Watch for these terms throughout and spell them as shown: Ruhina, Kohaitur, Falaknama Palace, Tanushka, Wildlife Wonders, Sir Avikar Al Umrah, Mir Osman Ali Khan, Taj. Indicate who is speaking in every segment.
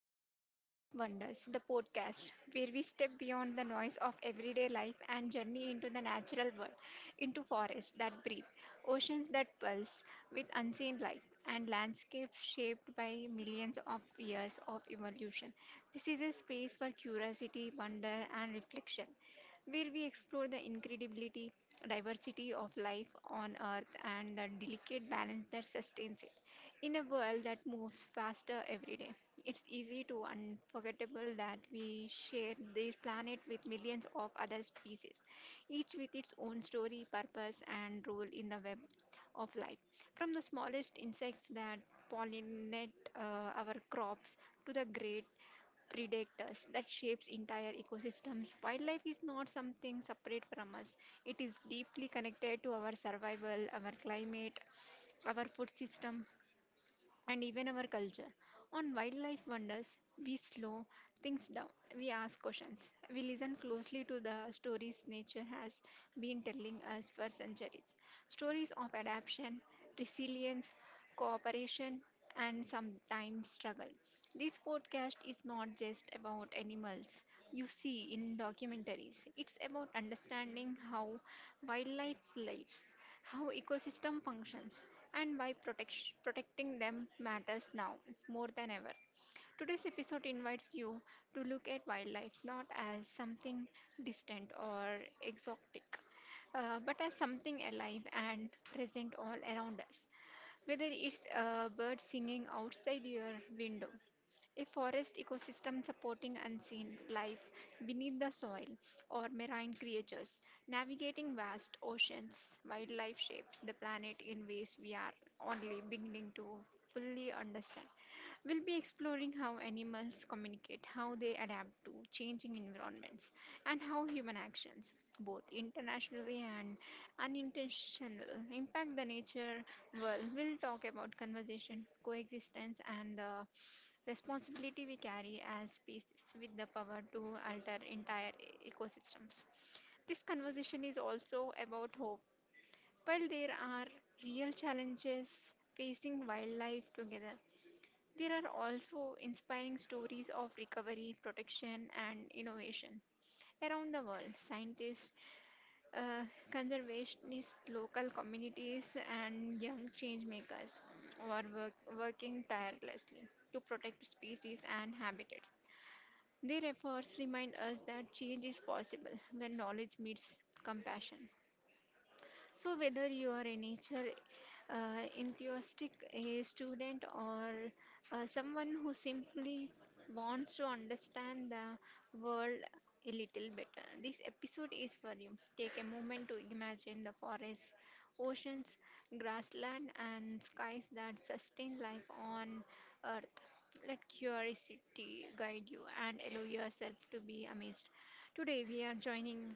Speaker 1: Welcome to Wildlife Wonders, the podcast, where we step beyond the noise of everyday life and journey into the natural world, into forests that breathe, oceans that pulse with unseen life, and landscapes shaped by millions of years of evolution. This is a space for curiosity, wonder, and reflection, where we explore the incredibility, diversity of life on Earth, and the delicate balance that sustains it. In a world that moves faster every day, it's easy to unforgettable that we share this planet with millions of other species, each with its own story, purpose, and role in the web of life. From the smallest insects that pollinate our crops to the great predators that shapes entire ecosystems, wildlife is not something separate from us. It is deeply connected to our survival, our climate, our food system, and even our culture. On Wildlife Wonders, we slow things down. We ask questions. We listen closely to the stories nature has been telling us for centuries. Stories of adaptation, resilience, cooperation, and sometimes struggle. This podcast is not just about animals you see in documentaries, it's about understanding how wildlife lives, how ecosystem functions, and why protecting them matters now more than ever. Today's episode invites you to look at wildlife not as something distant or exotic, but as something alive and present all around us. Whether it's a bird singing outside your window, a forest ecosystem supporting unseen life beneath the soil, or marine creatures navigating vast oceans, wildlife shapes the planet in ways we are only beginning to fully understand. We'll be exploring how animals communicate, how they adapt to changing environments, and how human actions, both internationally and unintentional, impact the nature world. We'll talk about conversation, coexistence, and the responsibility we carry as species with the power to alter entire ecosystems. This conversation is also about hope. While there are real challenges facing wildlife together, there are also inspiring stories of recovery, protection, and innovation. Around the world, scientists, uh, conservationists, local communities, and young change makers are working tirelessly to protect species and habitats. Their efforts remind us that change is possible when knowledge meets compassion. So, whether you are a nature enthusiastic, a student, or someone who simply wants to understand the world a little better, this episode is for you. Take a moment to imagine the forests, oceans, grassland, and skies that sustain life on Earth. Let curiosity guide you and allow yourself to be amazed. Today, we are joining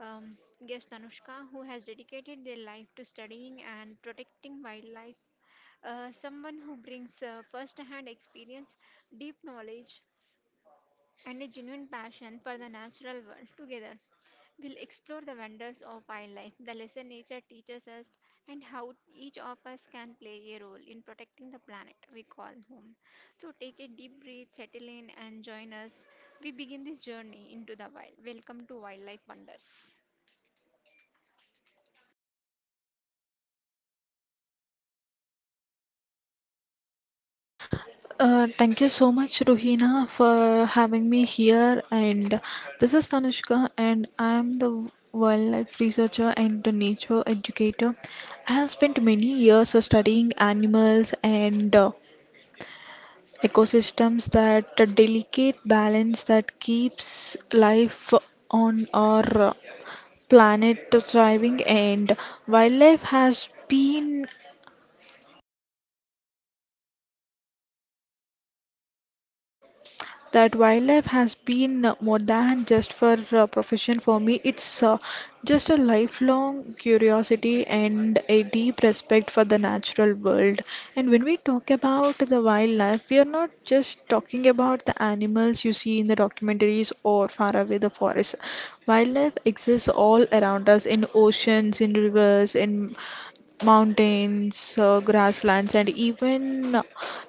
Speaker 1: um, guest Anushka, who has dedicated their life to studying and protecting wildlife. Someone who brings first hand experience, deep knowledge, and a genuine passion for the natural world together. We'll explore the wonders of wildlife, the lesson nature teaches us, and how each of us can play a role in protecting the planet we call home. So take a deep breath, settle in, and join us. We begin this journey into the wild. Welcome to Wildlife Wonders.
Speaker 2: Thank you so much, Ruhina, for having me here. And this is Tanushka, and I am the wildlife researcher and the nature educator. I have spent many years studying animals and ecosystems, that delicate balance that keeps life on our uh, planet thriving, and wildlife has been wildlife has been more than just for profession for me. It's just a lifelong curiosity and a deep respect for the natural world. And when we talk about the wildlife, we are not just talking about the animals you see in the documentaries or far away the forest. Wildlife exists all around us in oceans, in rivers, in mountains, grasslands, and even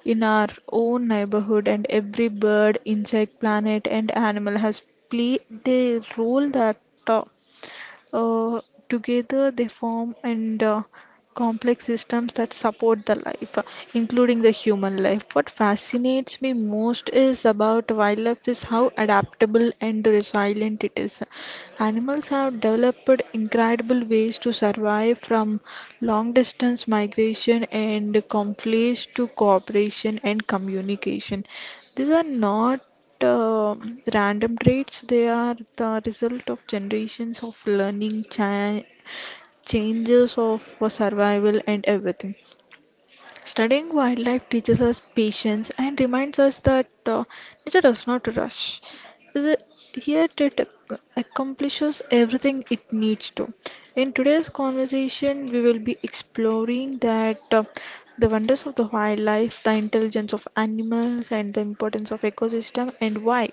Speaker 2: in our own neighborhood, and every bird, insect, planet, and animal has played their role that uh, together, they form and complex systems that support the life, including the human life. What fascinates me most is about wildlife is how adaptable and resilient it is. Animals have developed incredible ways to survive from long distance migration and conflicts to cooperation and communication. These are not random traits. They are the result of generations of learning, changes of survival, and everything. Studying wildlife teaches us patience and reminds us that nature does not rush. Is it- Yet it accomplishes everything it needs to. In today's conversation, we will be exploring that the wonders of the wildlife, the intelligence of animals, and the importance of ecosystem, and why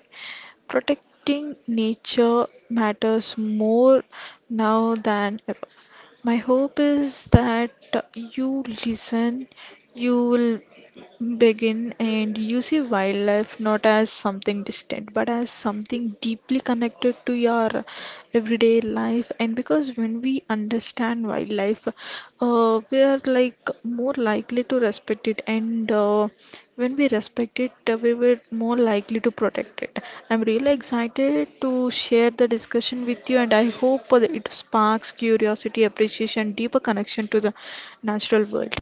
Speaker 2: protecting nature matters more now than ever. My hope is that you listen, you will begin and you see wildlife not as something distant but as something deeply connected to your everyday life, and because when we understand wildlife, we are like more likely to respect it, and when we respect it, we were more likely to protect it. I'm really excited to share the discussion with you, and I hope that it sparks curiosity, appreciation, deeper connection to the natural world.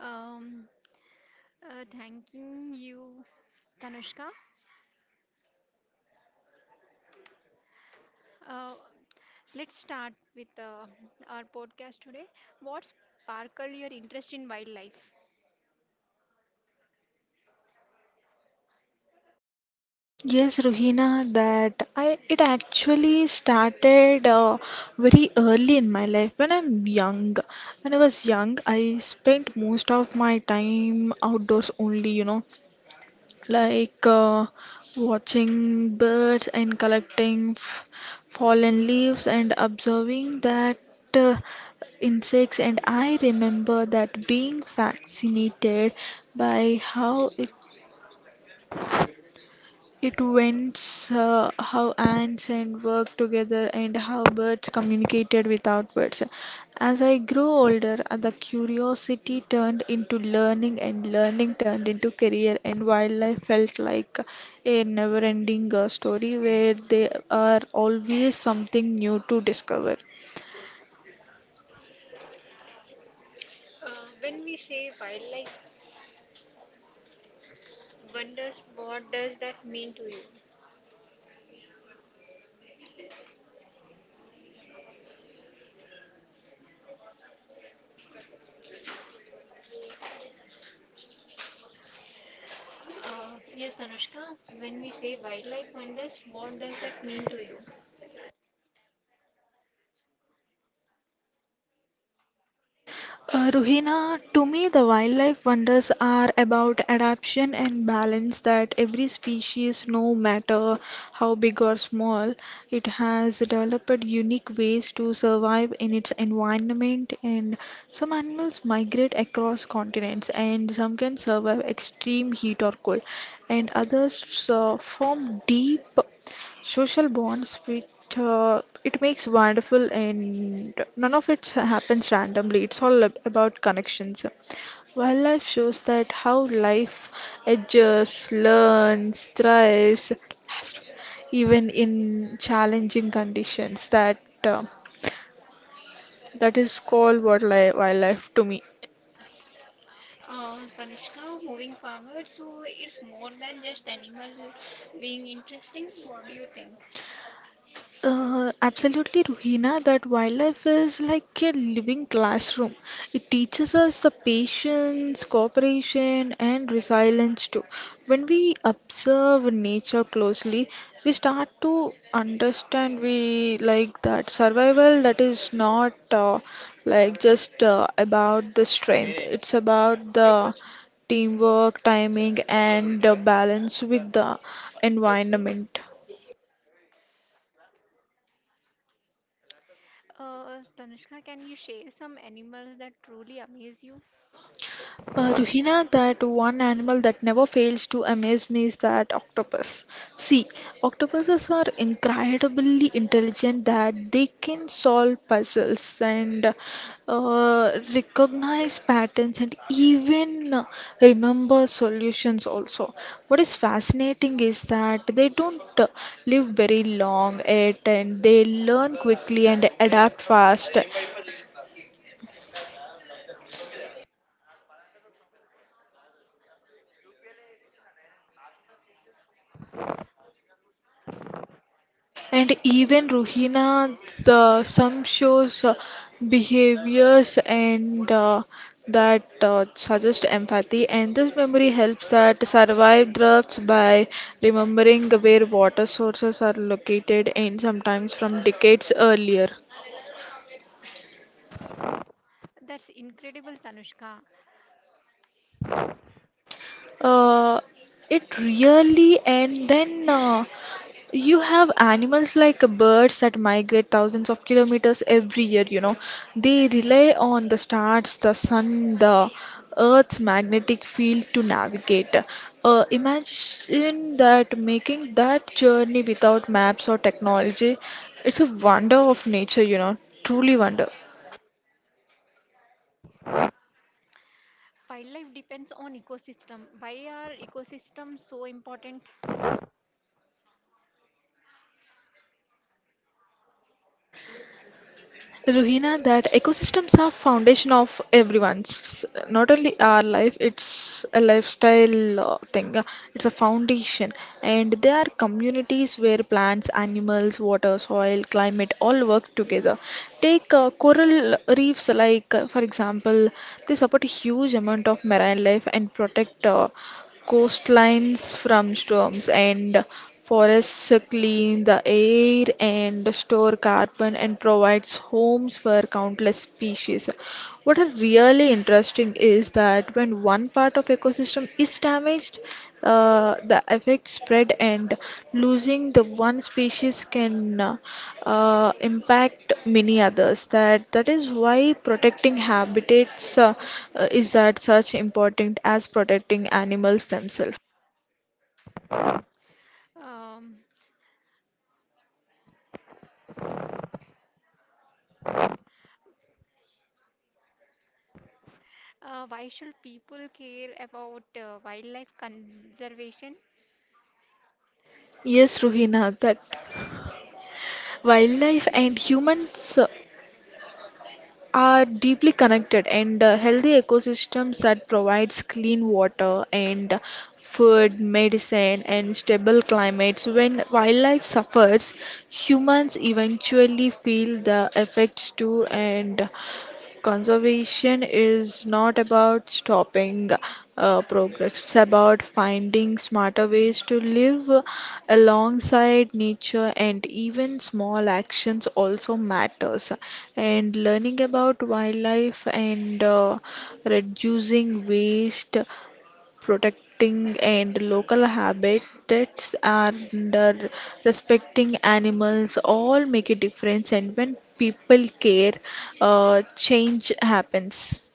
Speaker 1: Um, Thanking you, Tanushka. Uh, let's start with our podcast today. What sparkled your interest in wildlife?
Speaker 2: Yes, Ruhina, that I it actually started very early in my life when I'm young. When I was young, I spent most of my time outdoors only, like watching birds and collecting f fallen leaves and observing that uh, insects. And I remember that being fascinated by how it vents, how ants and work together, and how birds communicated without words. As I grew older, the curiosity turned into learning, and learning turned into career, and wildlife felt like a never-ending story where there are always something new to discover.
Speaker 1: Yes, Tanushka, when we say wildlife wonders, what does that mean to you?
Speaker 2: Ruhina, to me, the wildlife wonders are about adaptation and balance, that every species, no matter how big or small, it has developed unique ways to survive in its environment. And some animals migrate across continents, and some can survive extreme heat or cold, and others form deep social bonds, which it makes wonderful, and none of it happens randomly. It's all about connections. Wildlife shows that how life adjusts, learns, thrives, even in challenging conditions. That is called wildlife, wildlife to me.
Speaker 1: Tanushka, moving forward, so it's more than just animal being interesting. What do you think?
Speaker 2: Absolutely, Ruhina, that wildlife is like a living classroom. It teaches us the patience, cooperation, and resilience too. When we observe nature closely, we start to understand we like that survival, that is not like just about the strength. It's about the teamwork, timing, and balance with the environment.
Speaker 1: Tanushka, can you share some animals that truly amaze you?
Speaker 2: Ruhina, that one animal that never fails to amaze me is that octopus. See, octopuses are incredibly intelligent, that they can solve puzzles and recognize patterns and even remember solutions also. What is fascinating is that they don't live very long yet, and they learn quickly and adapt fast. And even Rohingya, the some shows behaviors and that suggest empathy, and this memory helps that survive droughts by remembering where water sources are located, and sometimes from decades earlier.
Speaker 1: That's incredible, Tanushka.
Speaker 2: Uh, it really and then You have animals like birds that migrate thousands of kilometers every year. They rely on the stars, the sun, the earth's magnetic field to navigate. Imagine that making that journey without maps or technology. It's a wonder of nature truly wonder.
Speaker 1: Wildlife depends on ecosystem. Why are ecosystems so important?
Speaker 2: Ruhina, that ecosystems are foundation of everyone's, not only our life, it's a lifestyle thing. It's a foundation. And there are communities where plants, animals, water, soil, climate all work together. Take coral reefs, like, for example, they support a huge amount of marine life and protect coastlines from storms, and forests clean the air and store carbon and provides homes for countless species. What are really interesting is that when one part of ecosystem is damaged, the effect spread, and losing the one species can impact many others. That is why protecting habitats is that such important as protecting animals themselves.
Speaker 1: Um, why should people care about wildlife conservation?
Speaker 2: Yes, Ruhina, that wildlife and humans, are deeply connected, and healthy ecosystems that provides clean water and food, medicine and stable climates. When wildlife suffers, humans eventually feel the effects too. And conservation is not about stopping progress, it's about finding smarter ways to live alongside nature, and even small actions also matters. And learning about wildlife and reducing waste, protecting and local habitats, and respecting animals all make a difference. And when people care, change happens.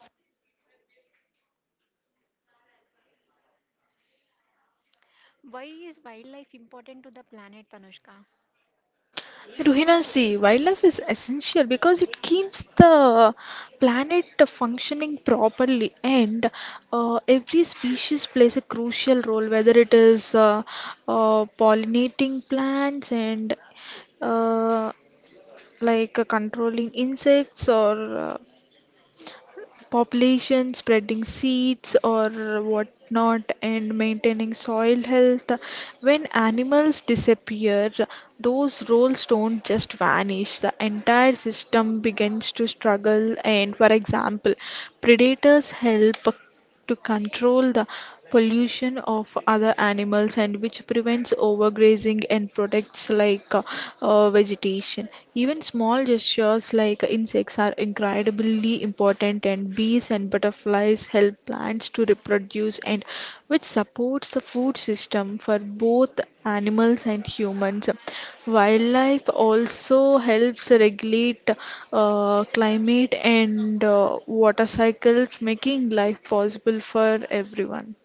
Speaker 1: Why is wildlife important to the planet, Tanushka?
Speaker 2: Ruhina, see, wildlife is essential because it keeps the planet functioning properly, and every species plays a crucial role, whether it is pollinating plants and uh, like controlling insects or population, spreading seeds or whatnot, and maintaining soil health. When animals disappear, those roles don't just vanish, the entire system begins to struggle. And for example, predators help to control the pollution of other animals, and which prevents overgrazing and protects, like, vegetation. Even small gestures like insects are incredibly important, and bees and butterflies help plants to reproduce and which supports the food system for both animals and humans. Wildlife also helps regulate climate and water cycles, making life possible for everyone.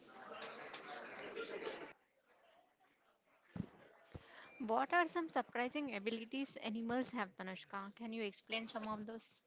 Speaker 1: What are some surprising abilities animals have, Tanushka? Can you explain some of those?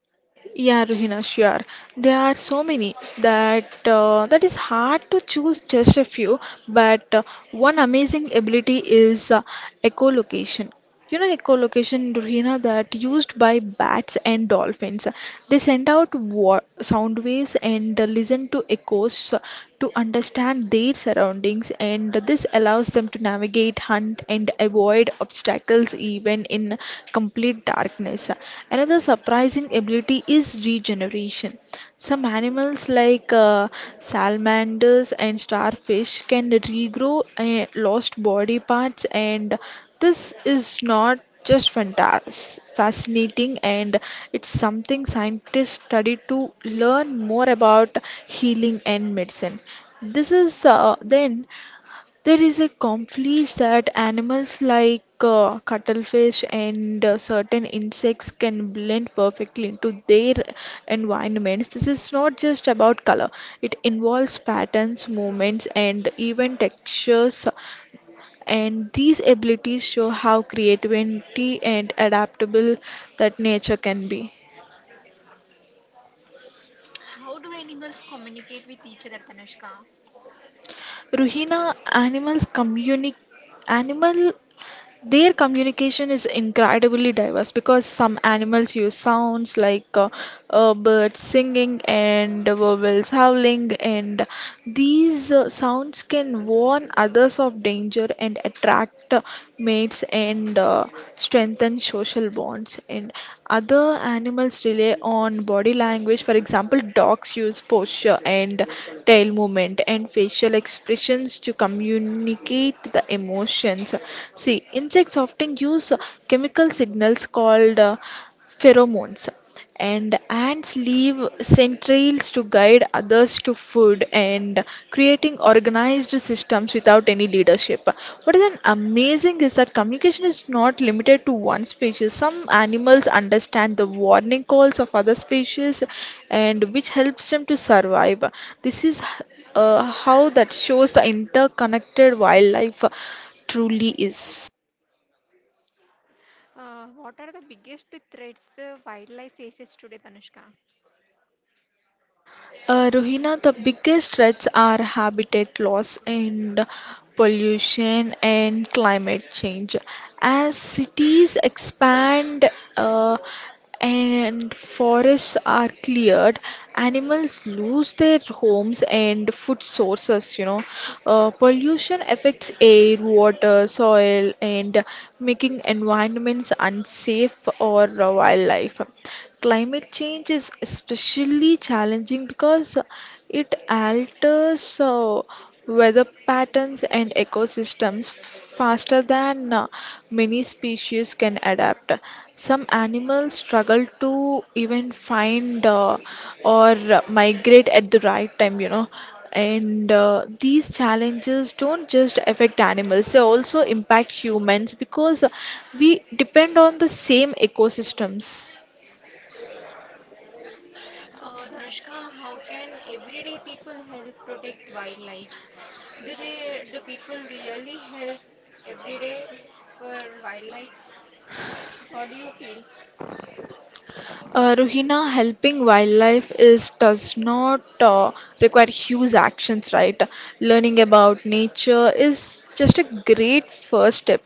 Speaker 2: Yeah, Ruhina, sure. There are so many that that is hard to choose just a few, but one amazing ability is echolocation. You know, echolocation, Ruhina, that used by bats and dolphins. They send out wa- sound waves and listen to echoes, so to understand their surroundings, and this allows them to navigate, hunt, and avoid obstacles even in complete darkness. Another surprising ability is regeneration. Some animals like salamanders and starfish can regrow lost body parts, and this is not just fantas fascinating, and it's something scientists study to learn more about healing and medicine. This is Then there is a conflict that animals like cuttlefish and certain insects can blend perfectly into their environments. This is not just about color, it involves patterns, movements, and even textures. And these abilities show how creativity and adaptable that nature can be.
Speaker 1: How do animals communicate with each other, Tanushka?
Speaker 2: Ruhina, animals communicate. Animal Their communication is incredibly diverse because some animals use sounds like, birds singing and wolves howling, and these sounds can warn others of danger and attract mates and strengthen social bonds. And other animals rely on body language. For example, dogs use posture and tail movement and facial expressions to communicate the emotions. See, insects often use chemical signals called pheromones, and ants leave scent trails to guide others to food and creating organized systems without any leadership. What is an amazing is that communication is not limited to one species. Some animals understand the warning calls of other species, and which helps them to survive. This is how that shows the interconnected wildlife truly is.
Speaker 1: What are the biggest threats wildlife faces today, Tanushka?
Speaker 2: Rohina, the biggest threats are habitat loss and pollution and climate change. As cities expand, uh, and forests are cleared, animals lose their homes and food sources. Pollution affects air, water, soil, and making environments unsafe or wildlife. Climate change is especially challenging because it alters weather patterns and ecosystems faster than many species can adapt. Some animals struggle to even find or migrate at the right time. And these challenges don't just affect animals, they also impact humans because we depend on the same ecosystems.
Speaker 1: Dhanushka, how can everyday people help protect wildlife? Do people really help every day for wildlife? What do you feel?
Speaker 2: Ruhina, helping wildlife is does not require huge actions, right? Learning about nature is just a great first step.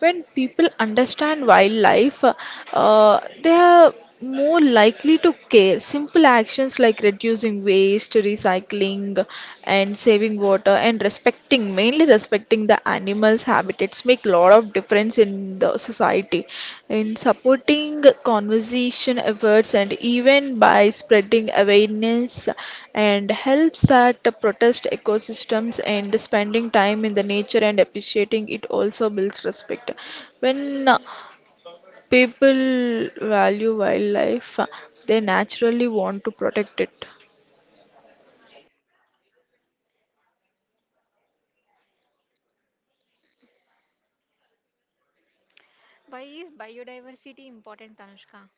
Speaker 2: When people understand wildlife, they are more likely to care. Simple actions like reducing waste, recycling, and saving water and respecting, mainly respecting the animals' habitats make lot of difference in the society. In supporting conservation efforts and even by spreading awareness and helps that protest ecosystems and spending time in the nature and appreciating it also builds respect. When people value wildlife, they naturally want to protect it.
Speaker 1: Why is biodiversity important, Tanushka?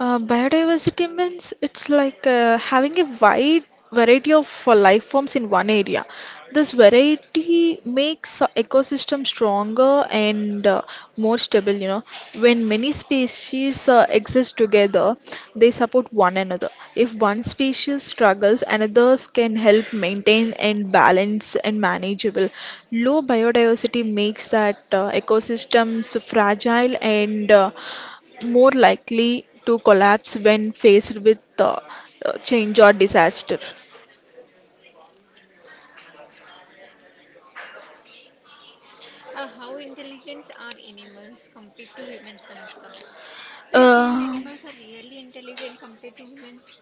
Speaker 2: Biodiversity means it's like having a wide variety of life forms in one area. This variety makes a ecosystem stronger and more stable. When many species exist together, they support one another. If one species struggles, another's can help maintain and balance and manageable. Low biodiversity makes that ecosystems fragile and more likely to collapse when faced with change or disaster.
Speaker 1: How intelligent are animals compared to humans, Tanushka? Do you feel
Speaker 2: Uh,
Speaker 1: animals are really intelligent compared to humans?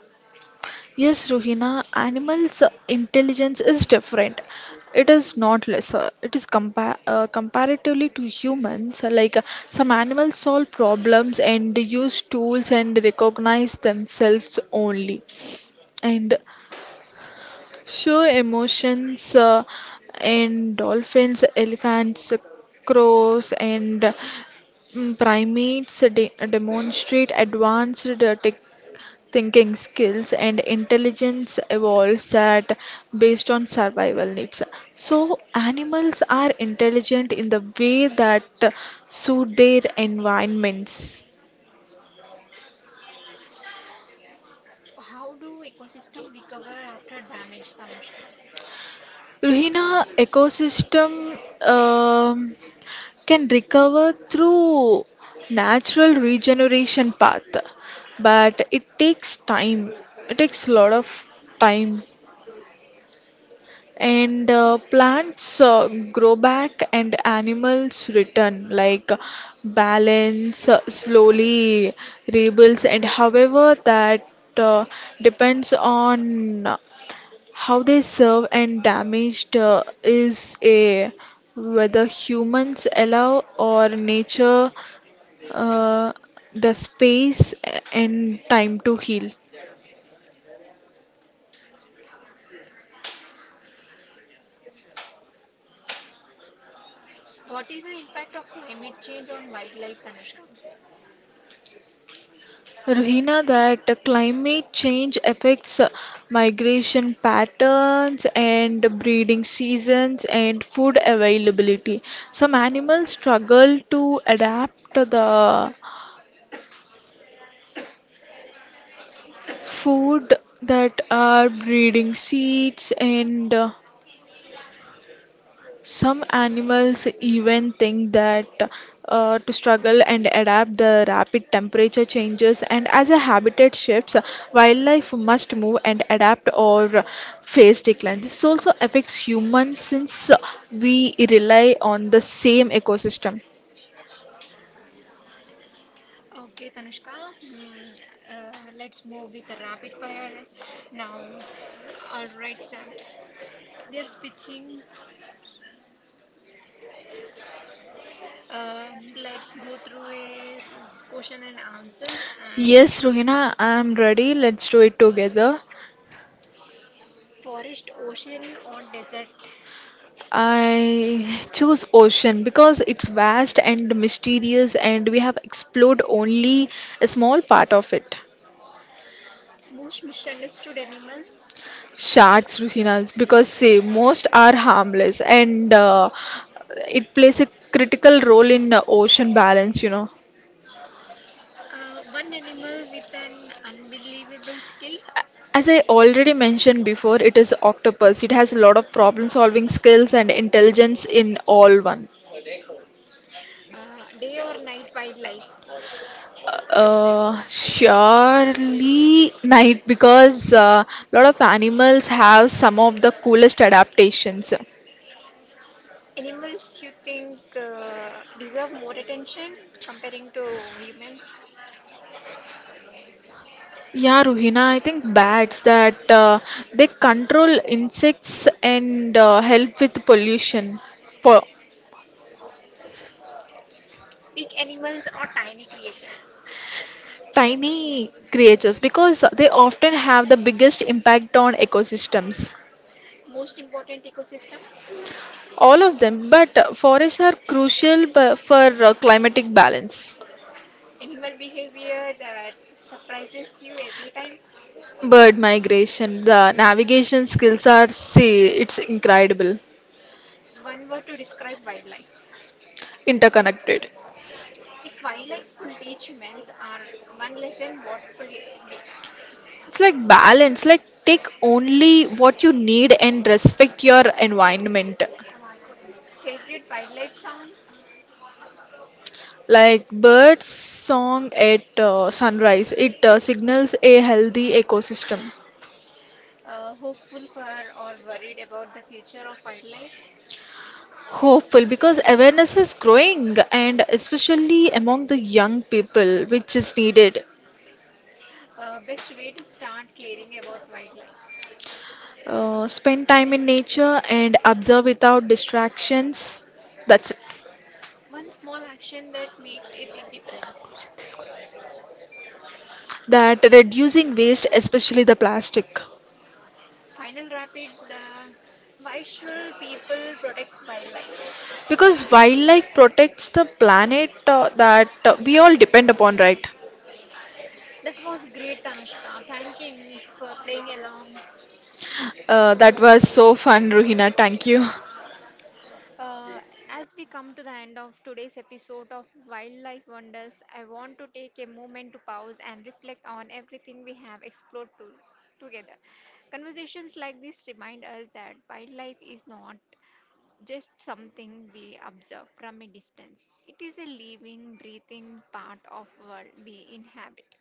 Speaker 2: yes, Rohina, animals' intelligence is different. It is not lesser. It is comparatively to humans. Like some animals solve problems and use tools and recognize themselves only, and show emotions. And dolphins, elephants, crows, and Primates de demonstrate advanced thinking skills and intelligence evolves that based on survival needs. So animals are intelligent in the way that suit their environments.
Speaker 1: How do ecosystem recover after damage, Tanushka?
Speaker 2: Ruhina ecosystem um, can recover through natural regeneration path, but it takes time. It takes a lot of time and plants grow back and animals return like balance slowly rebuilds and however that uh, depends on how they serve and damaged is a whether humans allow or nature uh, the space and time to heal.
Speaker 1: What is the impact of climate change on wildlife, Tanushka?
Speaker 2: Rohina, that climate change affects migration patterns and breeding seasons and food availability. Some animals struggle to adapt the food that are breeding seeds and some animals even think that to struggle and adapt the rapid temperature changes and as a habitat shifts, wildlife must move and adapt or face decline. This also affects humans since we rely on the same ecosystem.
Speaker 1: Okay, Tanushka, let's move with the rapid fire now. All right, Sam. They're switching. Let's go through a question and answers. And
Speaker 2: Yes, Rohina, I'm ready. Let's do it together.
Speaker 1: forest, ocean, or desert?
Speaker 2: I choose ocean because it's vast and mysterious, and we have explored only a small part of it.
Speaker 1: Most misunderstood animal.
Speaker 2: Sharks, Ruhinas, because see, most are harmless and it plays a critical role in ocean balance.
Speaker 1: One animal with an unbelievable skill.
Speaker 2: As I already mentioned before, it is octopus. It has a lot of problem-solving skills and intelligence in all one.
Speaker 1: Day or night wildlife.
Speaker 2: Surely night because a lot of animals have some of the coolest adaptations.
Speaker 1: Animals you think deserve more attention comparing to humans?
Speaker 2: Yeah, Ruhina, I think bats that they control insects and help with pollution. Po
Speaker 1: Big animals or tiny creatures.
Speaker 2: tiny creatures because they often have the biggest impact on ecosystems.
Speaker 1: Most important ecosystem,
Speaker 2: All of them, but forests are for climatic balance.
Speaker 1: animal behavior that surprises you every time.
Speaker 2: Bird migration, the navigation skills are, see, it's incredible,
Speaker 1: One word to describe wildlife.
Speaker 2: interconnected.
Speaker 1: If wildlife could teach humans our one lesson, what would it be?
Speaker 2: It's like balance, like take only what you need and respect your environment.
Speaker 1: Favorite wildlife sound?
Speaker 2: Like birds song at sunrise, it signals a healthy ecosystem.
Speaker 1: Hopeful for or worried about the future of wildlife?
Speaker 2: Hopeful because awareness is growing and especially among the young people, which is needed.
Speaker 1: Best way to start caring about wildlife.
Speaker 2: Spend time in nature and observe without distractions. That's it.
Speaker 1: One small action that makes a big difference.
Speaker 2: That reducing waste, especially the plastic.
Speaker 1: Final rapid. Why should people protect wildlife?
Speaker 2: Because wildlife protects the planet that we all depend upon, right?
Speaker 1: That was great, Tanushka. Thanking for playing along.
Speaker 2: That was so fun, Ruhina, thank you.
Speaker 1: Uh, as we come to the end of today's episode of Wildlife Wonders, I want to take a moment to pause and reflect on everything we have explored to, together. Conversations like this remind us that wildlife is not just something we observe from a distance. It is a living, breathing part of world we inhabit.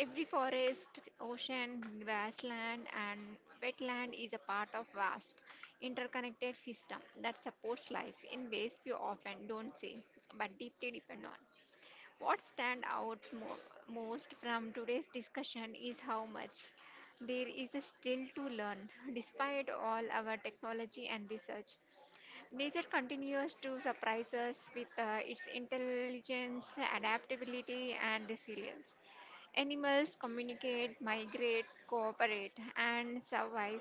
Speaker 1: Every forest, ocean, grassland, and wetland is a part of vast interconnected system that supports life in ways we often don't see but deeply depend on. What most from today's discussion is how much there is still to learn despite all our technology and research. Nature continues to surprise us with its intelligence, adaptability, and resilience. Animals communicate, migrate, cooperate, and survive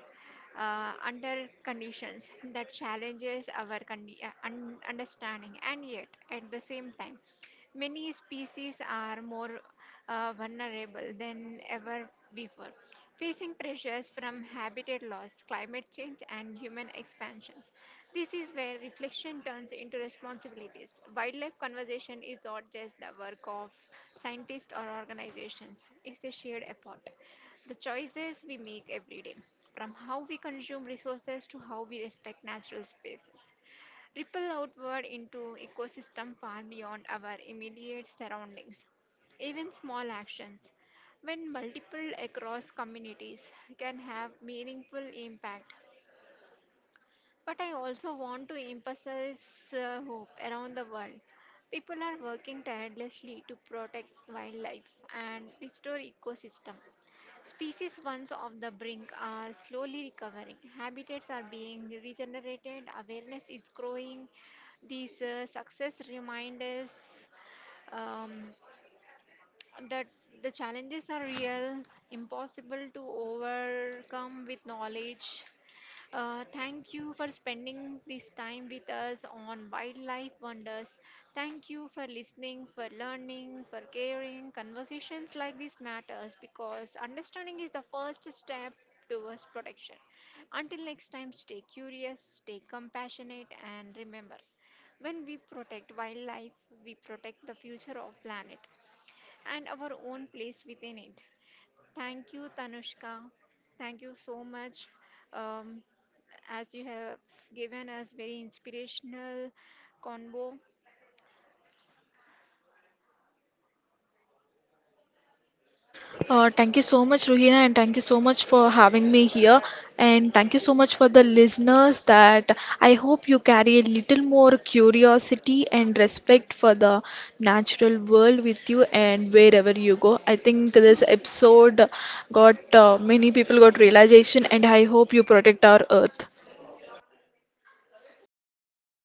Speaker 1: under conditions that challenges our understanding. And yet, at the same time, many species are more vulnerable than ever before, facing pressures from habitat loss, climate change, and human expansions. This is where reflection turns into responsibilities. Wildlife conservation is not just the work of scientists or organizations, it's a shared effort. The choices we make every day, from how we consume resources to how we respect natural spaces, ripple outward into ecosystem far beyond our immediate surroundings. Even small actions, when multiple across communities, can have meaningful impact. But I also want to emphasize hope around the world. People are working tirelessly to protect wildlife and restore ecosystem. Species once off the brink are slowly recovering. Habitats are being regenerated. Awareness is growing. These success remind us um, that the challenges are real, impossible to overcome with knowledge. Thank you for spending this time with us on Wildlife Wonders. Thank you for listening, for learning, for caring. Conversations like this matters because understanding is the first step towards protection. Until next time, stay curious, stay compassionate, and remember, when we protect wildlife, we protect the future of planet and our own place within it. Thank you, Tanushka. Thank you so much. Um, as you have given us very inspirational convo
Speaker 2: Thank you so much, Ruhina, and thank you so much for having me here. And thank you so much for the listeners that I hope you carry a little more curiosity and respect for the natural world with you and wherever you go. I think this episode got, many people got realization, and I hope you protect our earth.